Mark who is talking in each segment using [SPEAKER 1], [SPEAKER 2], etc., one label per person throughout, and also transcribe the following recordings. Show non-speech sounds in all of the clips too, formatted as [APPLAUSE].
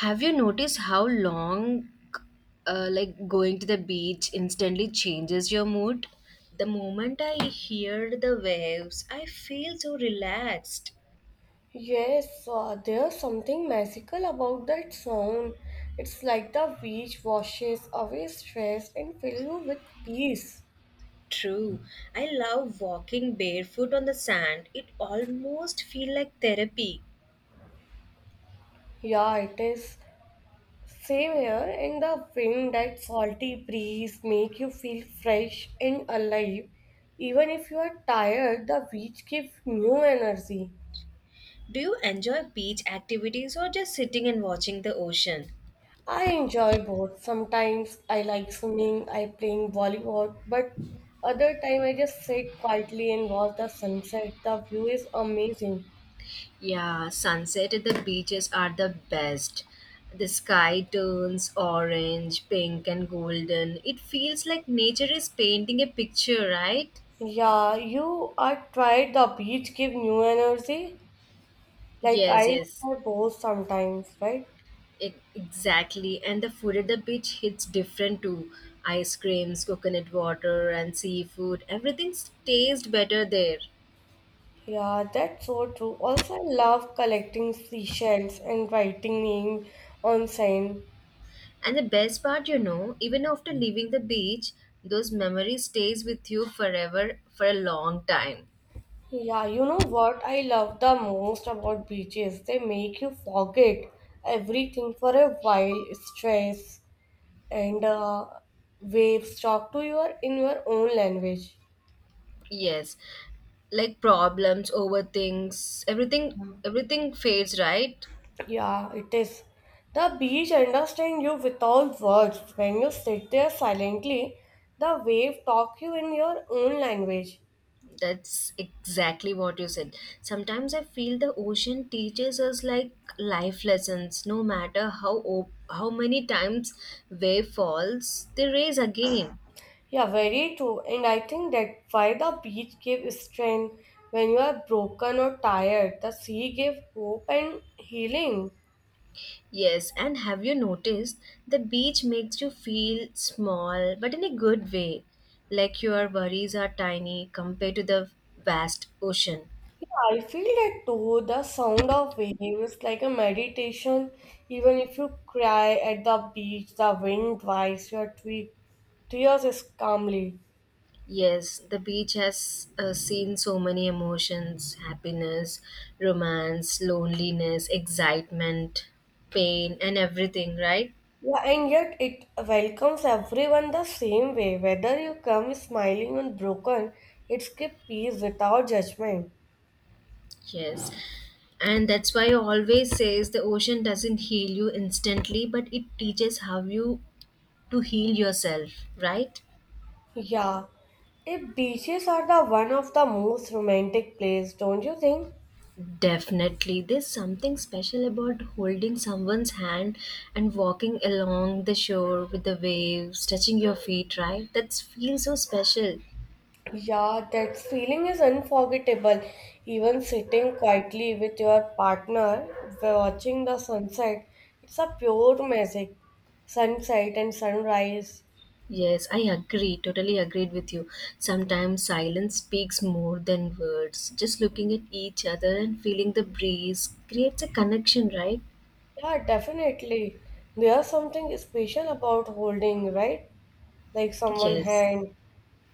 [SPEAKER 1] Have you noticed how long, like going to the beach instantly changes your mood? The moment I hear the waves, I feel so relaxed.
[SPEAKER 2] Yes, there's something magical about that sound. It's like the beach washes away stress and fill you with peace.
[SPEAKER 1] True, I love walking barefoot on the sand. It almost feel like therapy.
[SPEAKER 2] Yeah, it is. Same here, and the wind, that salty breeze, make you feel fresh and alive. Even if you are tired, the beach gives new energy.
[SPEAKER 1] Do you enjoy beach activities or just sitting and watching the ocean?
[SPEAKER 2] I enjoy both. Sometimes I like swimming, I playing volleyball, but other time I just sit quietly and watch the sunset. The view is amazing.
[SPEAKER 1] Yeah, sunset at the beaches are the best. The sky turns orange, pink, and golden. It feels like nature is painting a picture, right?
[SPEAKER 2] Yeah, you are tried the beach give new energy. Like
[SPEAKER 1] Yes,
[SPEAKER 2] I
[SPEAKER 1] yes,
[SPEAKER 2] enjoy both sometimes, right?
[SPEAKER 1] it, exactly. And the food at the beach hits different too. Ice creams, coconut water, and seafood. Everything tastes better there.
[SPEAKER 2] Yeah, that's so true. Also, I love collecting seashells and writing name on sand.
[SPEAKER 1] And the best part, you know, even after leaving the beach, those memories stays with you forever for a long time.
[SPEAKER 2] Yeah, you know what I love the most about beaches? They make you forget everything for a while, stress and waves talk to you in your own language.
[SPEAKER 1] Yes, like problems, over things, everything fades, right?
[SPEAKER 2] Yeah, it is. The beach understands you without words. When you sit there silently, the wave talk you in your own language.
[SPEAKER 1] That's exactly what you said. Sometimes I feel the ocean teaches us like life lessons. No matter how many times wave falls, they raise again.
[SPEAKER 2] Yeah, very true. And I think that why the beach gives strength when you are broken or tired. The sea gives hope and healing.
[SPEAKER 1] Yes, and have you noticed the beach makes you feel small, but in a good way, like your worries are tiny compared to the vast ocean.
[SPEAKER 2] Yeah, I feel that too. The sound of waves is like a meditation. Even if you cry at the beach, the wind dries your tears is calmly.
[SPEAKER 1] Yes, the beach has seen so many emotions happiness, romance, loneliness, excitement, pain, and everything, right?
[SPEAKER 2] Yeah, and yet it welcomes everyone the same way. Whether you come smiling or broken, it's gives peace without judgment.
[SPEAKER 1] Yes. And that's why I always says the ocean doesn't heal you instantly, but it teaches how you to heal yourself, right?
[SPEAKER 2] Yeah, if beaches are the one of the most romantic place, don't you think?
[SPEAKER 1] Definitely. There's something special about holding someone's hand and walking along the shore with the waves, touching your feet, right? That feels so special.
[SPEAKER 2] Yeah, that feeling is unforgettable. Even sitting quietly with your partner, watching the sunset, it's a pure magic. Sunset and sunrise.
[SPEAKER 1] Yes, I agree. Totally agreed with you. Sometimes silence speaks more than words. Just looking at each other and feeling the breeze creates a connection, right?
[SPEAKER 2] Yeah, definitely. There's something special about holding, right? Like someone
[SPEAKER 1] Yes,
[SPEAKER 2] hand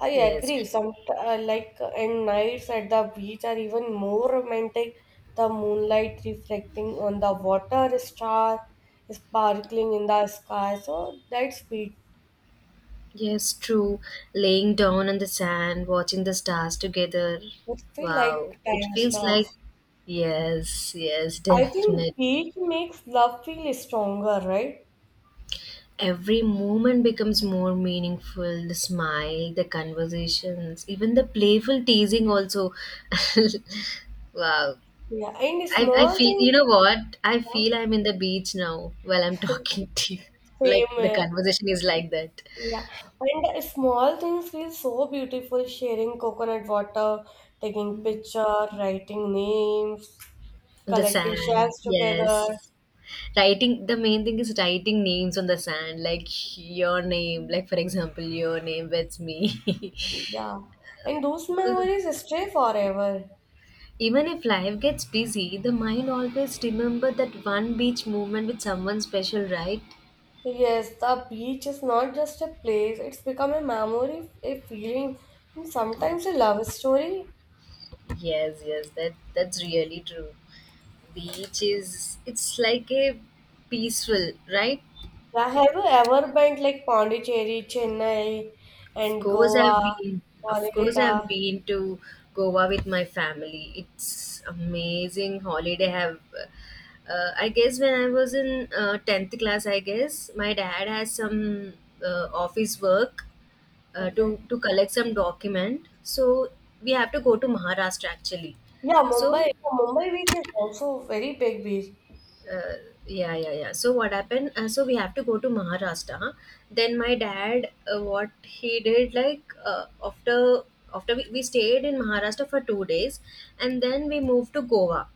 [SPEAKER 2] I
[SPEAKER 1] yes,
[SPEAKER 2] agree. Some like and nights at the beach are even more romantic. The moonlight reflecting on the water, star sparkling in the sky. So that's beach.
[SPEAKER 1] yes, true. Laying down on the sand, watching the stars together.
[SPEAKER 2] It feel
[SPEAKER 1] Wow,
[SPEAKER 2] like
[SPEAKER 1] it
[SPEAKER 2] time
[SPEAKER 1] feels like,
[SPEAKER 2] stops.
[SPEAKER 1] yes, yes,
[SPEAKER 2] I think
[SPEAKER 1] definitely.
[SPEAKER 2] beach makes love feel stronger, right?
[SPEAKER 1] Every moment becomes more meaningful. The smile, the conversations, even the playful teasing, also. [LAUGHS] Wow.
[SPEAKER 2] Yeah, and
[SPEAKER 1] I
[SPEAKER 2] small
[SPEAKER 1] feel
[SPEAKER 2] things,
[SPEAKER 1] what I
[SPEAKER 2] yeah,
[SPEAKER 1] feel, I'm in the beach now while I'm [LAUGHS] talking to you.
[SPEAKER 2] same.
[SPEAKER 1] Like the
[SPEAKER 2] Here.
[SPEAKER 1] conversation is like that
[SPEAKER 2] Yeah, and small things feel so beautiful. Sharing coconut water, taking picture, writing names.
[SPEAKER 1] on the
[SPEAKER 2] Collecting
[SPEAKER 1] sand.
[SPEAKER 2] shells together.
[SPEAKER 1] Yes, writing, the main thing is writing names on the sand. Like your name, like for example, your name, that's me. [LAUGHS]
[SPEAKER 2] Yeah, and those
[SPEAKER 1] So the-
[SPEAKER 2] memories stay forever.
[SPEAKER 1] Even if life gets busy, the mind always remember that one beach moment with someone special, right?
[SPEAKER 2] So, yes, the beach is not just a place, it's become a memory, a feeling, and sometimes a love story.
[SPEAKER 1] Yes, yes, that's really true. Beach is, it's like a peaceful, right?
[SPEAKER 2] Yeah, have you ever been like Pondicherry, Chennai,
[SPEAKER 1] Of
[SPEAKER 2] and
[SPEAKER 1] course, I've
[SPEAKER 2] Goa,
[SPEAKER 1] been. Of course, I've
[SPEAKER 2] Florida?
[SPEAKER 1] been to Goa with my family. It's amazing holiday. Have I guess when I was in tenth class, I guess my dad has some office work to
[SPEAKER 2] Okay.
[SPEAKER 1] collect some document. So we have to go to Maharashtra actually.
[SPEAKER 2] Yeah,
[SPEAKER 1] So
[SPEAKER 2] Mumbai. Yeah, Mumbai beach is also very big beach.
[SPEAKER 1] Uh, yeah, yeah, yeah. So what happened? So we have to go to Maharashtra, huh? Then my dad, what he did, like after we stayed in Maharashtra for 2 days, and then we moved to Goa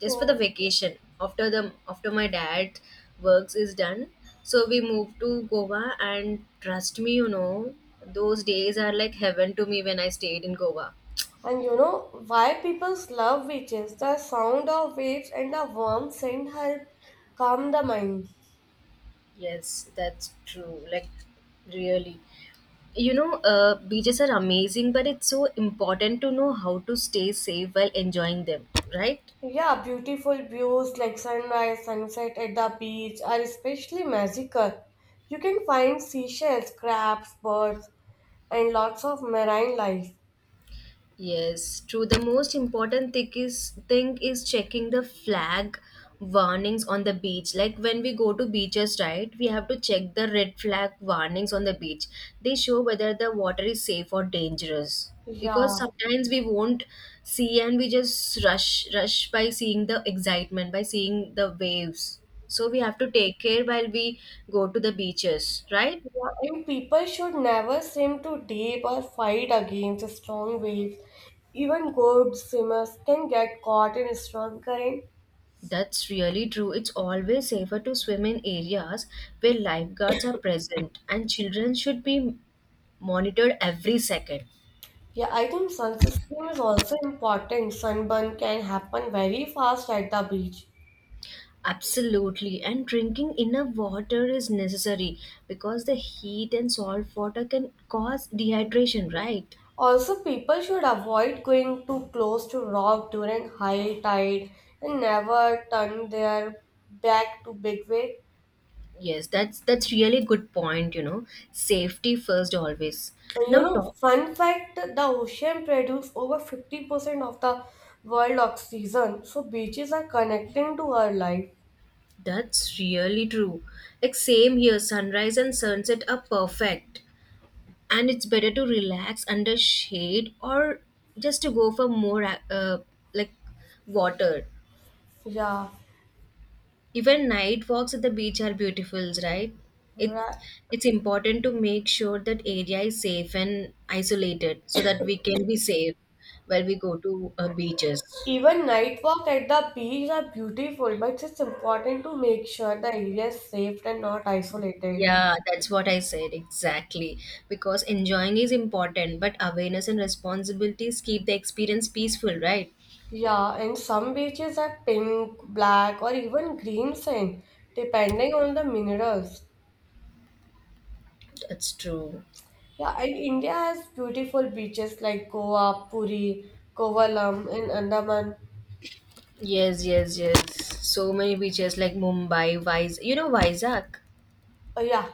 [SPEAKER 1] just for the
[SPEAKER 2] Oh.
[SPEAKER 1] vacation. After my dad works is done, so we moved to Goa, and trust me, you know, those days are like heaven to me when I stayed in Goa.
[SPEAKER 2] And you know why people's love beaches? The sound of waves and the warm scent help calm the mind.
[SPEAKER 1] Yes, that's true. Like really. You know beaches are amazing, but it's so important to know how to stay safe while enjoying them, right?
[SPEAKER 2] Yeah, beautiful views like sunrise, sunset at the beach are especially magical. You can find seashells, crabs, birds, and lots of marine life.
[SPEAKER 1] Yes, true. The most important thing is checking the flag warnings on the beach. Like when we go to beaches, right? We have to check the red flag warnings on the beach. They show whether the water is safe or dangerous. Because
[SPEAKER 2] Yeah.
[SPEAKER 1] sometimes we won't see and we just rush by seeing the excitement, by seeing the waves. So we have to take care while we go to the beaches, right?
[SPEAKER 2] Yeah, and people should never swim too deep or fight against strong waves. Even good swimmers can get caught in strong current.
[SPEAKER 1] That's really true. It's always safer to swim in areas where lifeguards are present, and children should be monitored every second.
[SPEAKER 2] Yeah, I think sunscreen is also important. Sunburn can happen very fast at the beach.
[SPEAKER 1] Absolutely, and drinking enough water is necessary because the heat and salt water can cause dehydration, right?
[SPEAKER 2] Also, people should avoid going too close to rock during high tide and never turn their back to big wave.
[SPEAKER 1] Yes, that's really good point, you know. Safety first always.
[SPEAKER 2] And you
[SPEAKER 1] Now
[SPEAKER 2] know,
[SPEAKER 1] talk,
[SPEAKER 2] fun fact, the ocean produces over 50% of the world oxygen. So beaches are connecting to our life.
[SPEAKER 1] that's really true. Like same here, sunrise and sunset are perfect, and it's better to relax under shade or just to go for more uh, like water.
[SPEAKER 2] Yeah,
[SPEAKER 1] Even night walks at the beach are beautiful, right? It,
[SPEAKER 2] right.
[SPEAKER 1] it's important to make sure that area is safe and isolated so that we can be safe while we go to beaches.
[SPEAKER 2] Even night walk at the beach are beautiful, but it's important to make sure the area is safe and not isolated.
[SPEAKER 1] Yeah, that's what I said exactly, because enjoying is important but awareness and responsibilities keep the experience peaceful, right?
[SPEAKER 2] Yeah, and some beaches have pink, black, or even green sand, depending on the minerals.
[SPEAKER 1] That's true.
[SPEAKER 2] Yeah, and India has beautiful beaches like Goa, Puri, Kovalam, and Andaman.
[SPEAKER 1] Yes, yes, yes. So many beaches like Mumbai, Vaiz. You know Vizag?
[SPEAKER 2] Yeah,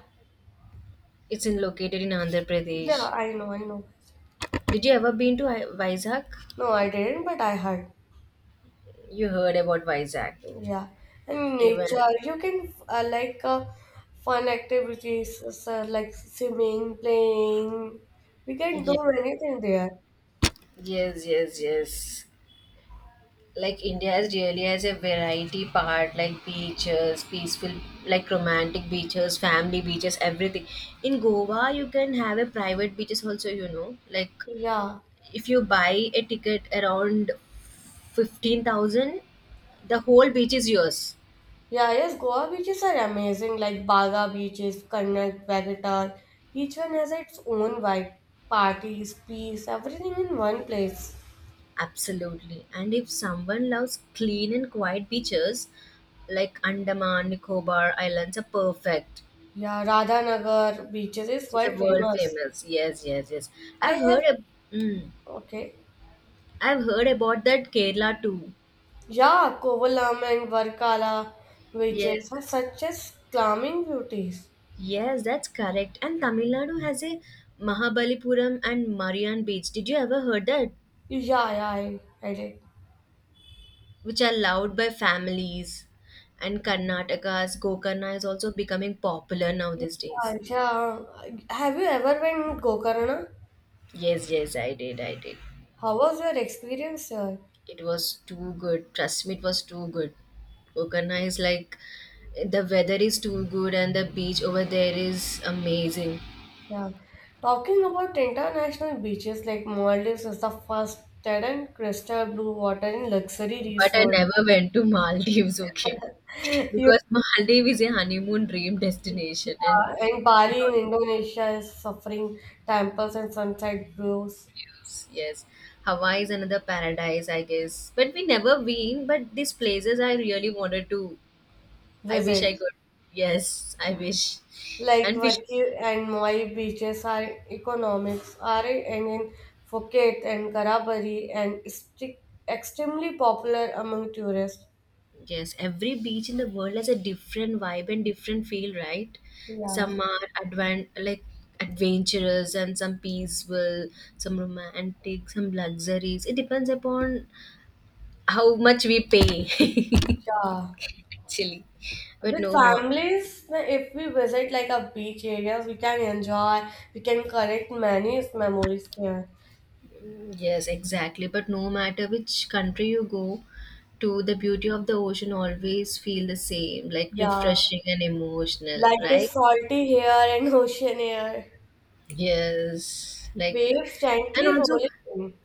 [SPEAKER 1] It's in located in Andhra
[SPEAKER 2] yeah,
[SPEAKER 1] Pradesh.
[SPEAKER 2] I know, I know.
[SPEAKER 1] Did you ever been to Vizag?
[SPEAKER 2] No, I didn't, but I heard.
[SPEAKER 1] You heard about Vizag.
[SPEAKER 2] Yeah, and
[SPEAKER 1] Even
[SPEAKER 2] nature, you can fun activities so, like swimming, playing. We can do
[SPEAKER 1] yeah,
[SPEAKER 2] anything there.
[SPEAKER 1] yes, yes, yes. Like India has really has a variety part, like beaches, peaceful, like romantic beaches, family beaches, everything. In Goa you can have a private beaches also, you know. Like
[SPEAKER 2] Yeah,
[SPEAKER 1] if you buy a ticket around 15,000, the whole beach is yours.
[SPEAKER 2] yeah, yes, Goa beaches are amazing, like Baga beaches, Karnak, Baghetar. Each one has its own vibe, parties, peace, everything in one place.
[SPEAKER 1] Absolutely, and if someone loves clean and quiet beaches like Andaman Nicobar Islands are perfect,
[SPEAKER 2] Yeah, Radhanagar beaches is
[SPEAKER 1] which is a
[SPEAKER 2] quite
[SPEAKER 1] world
[SPEAKER 2] famous.
[SPEAKER 1] famous. Yes, yes, yes, I've
[SPEAKER 2] I
[SPEAKER 1] heard
[SPEAKER 2] have,
[SPEAKER 1] mm,
[SPEAKER 2] okay.
[SPEAKER 1] I've heard about that. Kerala too.
[SPEAKER 2] Yeah, Kovalam and Varkala,
[SPEAKER 1] Yes,
[SPEAKER 2] witches have such as calming beauties.
[SPEAKER 1] yes, that's correct. And Tamil Nadu has a Mahabalipuram and Marian beach. Did you ever heard that,
[SPEAKER 2] Yeah, yeah, I did.
[SPEAKER 1] which are loved by families. And Karnataka's Gokarna is also becoming popular now these days.
[SPEAKER 2] Yeah, yeah. Have you ever been Gokarna?
[SPEAKER 1] Yes, yes, I did, I did.
[SPEAKER 2] How was your experience there?
[SPEAKER 1] It was too good. Trust me, it was too good. Gokarna is like the weather is too good and the beach over there is amazing.
[SPEAKER 2] Yeah. Talking about international beaches like Maldives is the first dead and crystal blue water in luxury
[SPEAKER 1] But I
[SPEAKER 2] resort.
[SPEAKER 1] never went to Maldives, okay?
[SPEAKER 2] You,
[SPEAKER 1] Because Maldives is a honeymoon dream
[SPEAKER 2] yeah,
[SPEAKER 1] destination, and,
[SPEAKER 2] and
[SPEAKER 1] and
[SPEAKER 2] Bali in
[SPEAKER 1] all.
[SPEAKER 2] Indonesia is suffering temples and sunset views.
[SPEAKER 1] Yes, Hawaii is another paradise, I guess. But we never been. But these places, I really wanted to. I wish I
[SPEAKER 2] Visit.
[SPEAKER 1] could. Yes, I wish.
[SPEAKER 2] Like
[SPEAKER 1] And fish.
[SPEAKER 2] Vaki and Moai beaches are economics are and in Phuket and Karabari and strict, extremely popular among tourists.
[SPEAKER 1] Yes, every beach in the world has a different vibe and different feel, right?
[SPEAKER 2] Yeah.
[SPEAKER 1] Some are advan like adventurous and some peaceful, some romantic, some luxuries. It depends upon how much we pay,
[SPEAKER 2] Yeah.
[SPEAKER 1] [LAUGHS] actually. But
[SPEAKER 2] With
[SPEAKER 1] no more.
[SPEAKER 2] families, if we visit like a beach area, we can enjoy, we can collect many memories there.
[SPEAKER 1] Yes, exactly. But no matter which country you go to, the beauty of the ocean always feel the same, like
[SPEAKER 2] Yeah.
[SPEAKER 1] refreshing and emotional,
[SPEAKER 2] Like a
[SPEAKER 1] right?
[SPEAKER 2] salty air and [LAUGHS] ocean air.
[SPEAKER 1] Yes, like,
[SPEAKER 2] Waves
[SPEAKER 1] and
[SPEAKER 2] gently
[SPEAKER 1] also,
[SPEAKER 2] rolling in.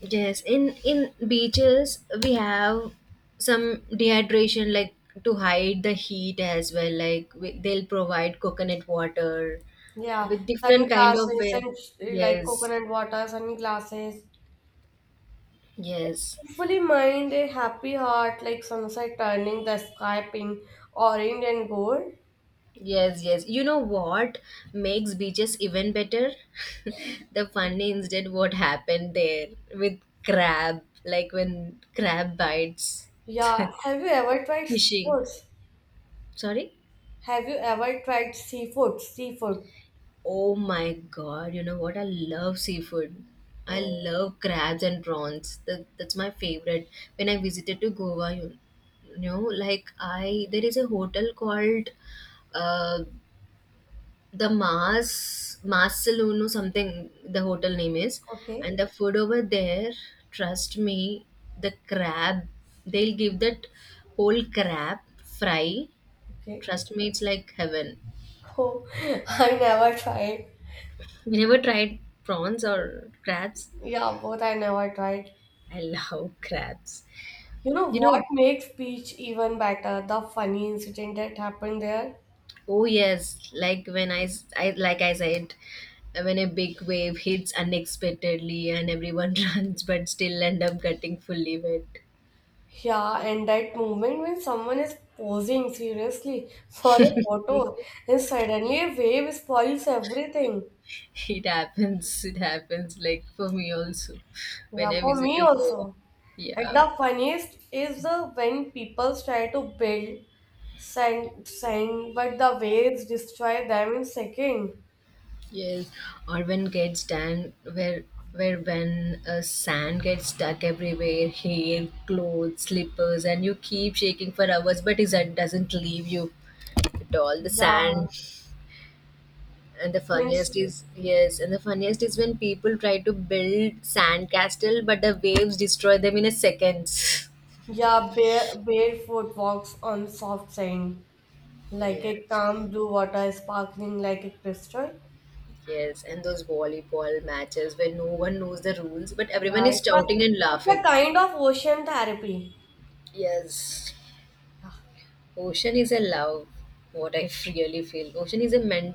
[SPEAKER 1] yes, in beaches we have some dehydration, like to hide the heat as well. Like we, they'll provide coconut water
[SPEAKER 2] Yeah.
[SPEAKER 1] with different kind of,
[SPEAKER 2] Sunglasses and like
[SPEAKER 1] yes,
[SPEAKER 2] coconut water, sunglasses.
[SPEAKER 1] yes.
[SPEAKER 2] Fully mind, a happy heart like sunset turning the sky pink, orange and gold.
[SPEAKER 1] Yes, yes. You know what makes beaches even better? [LAUGHS] The funny incident what happened there with crab, like when crab bites
[SPEAKER 2] Yeah, have you ever tried
[SPEAKER 1] fishing.
[SPEAKER 2] seafoods?
[SPEAKER 1] Sorry?
[SPEAKER 2] Have you ever tried seafood? Seafood.
[SPEAKER 1] Oh my god, you know what? I love seafood. I
[SPEAKER 2] Oh,
[SPEAKER 1] love crabs and prawns. That's my favorite. When I visited to Goa, you know, like I, there is a hotel called uh the Mars, Marceluno something the hotel name is, and
[SPEAKER 2] okay,
[SPEAKER 1] the food over there. Trust me, the crab they'll give that whole crab fry.
[SPEAKER 2] okay.
[SPEAKER 1] Trust me, it's like heaven.
[SPEAKER 2] Oh, [LAUGHS] I never tried.
[SPEAKER 1] You never tried prawns or crabs?
[SPEAKER 2] Yeah, both I never tried.
[SPEAKER 1] I love [LAUGHS] crabs.
[SPEAKER 2] You know
[SPEAKER 1] You
[SPEAKER 2] what
[SPEAKER 1] know,
[SPEAKER 2] makes Peach even better? The funny incident that happened there.
[SPEAKER 1] oh yes, like when like I said, when a big wave hits unexpectedly and everyone [LAUGHS] runs, but still end up getting fully wet.
[SPEAKER 2] Yeah, and that moment when someone is posing seriously for a photo and suddenly a wave spoils everything.
[SPEAKER 1] It happens. It happens. Like for me also, when
[SPEAKER 2] Yeah,
[SPEAKER 1] I
[SPEAKER 2] for
[SPEAKER 1] visit
[SPEAKER 2] me
[SPEAKER 1] to Goa,
[SPEAKER 2] also. And
[SPEAKER 1] yeah,
[SPEAKER 2] the funniest is the when people try to build sand but the waves destroy them in second.
[SPEAKER 1] yes, or when gets done where when sand gets stuck everywhere, hair, clothes, slippers, and you keep shaking for hours, but it doesn't leave you at all. The
[SPEAKER 2] Yeah.
[SPEAKER 1] sand. And the
[SPEAKER 2] Since
[SPEAKER 1] funniest is yes, and the funniest is when people try to build sand castle, but the waves destroy them in a second. [LAUGHS]
[SPEAKER 2] yeah, bare barefoot walks on soft sand, like a
[SPEAKER 1] Yes.
[SPEAKER 2] calm blue water sparkling like a crystal.
[SPEAKER 1] Yes, and those volleyball matches where no one knows the rules, but everyone
[SPEAKER 2] Yeah,
[SPEAKER 1] is
[SPEAKER 2] it's a,
[SPEAKER 1] shouting and
[SPEAKER 2] it's a
[SPEAKER 1] laughing.
[SPEAKER 2] kind of ocean therapy.
[SPEAKER 1] Yes,
[SPEAKER 2] Yeah.
[SPEAKER 1] ocean is a love. What I really feel, ocean is a men,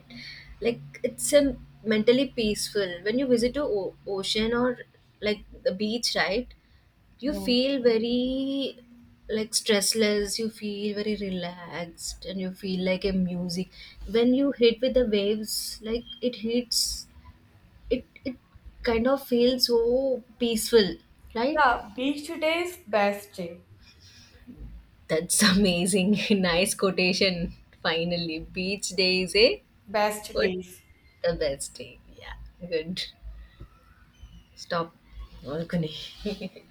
[SPEAKER 1] like it's a mentally peaceful. When you visit a ocean or like the beach, right? You
[SPEAKER 2] Yeah,
[SPEAKER 1] feel very like stressless. You feel very relaxed, and you feel like a music. When you hit with the waves, like it hits, it kind of feels so peaceful, right?
[SPEAKER 2] yeah, beach day is best day.
[SPEAKER 1] That's amazing. [LAUGHS] Nice quotation. Finally, beach days, eh?
[SPEAKER 2] Best
[SPEAKER 1] What
[SPEAKER 2] days.
[SPEAKER 1] the best day? Yeah, good. Stop. Balcony. [LAUGHS]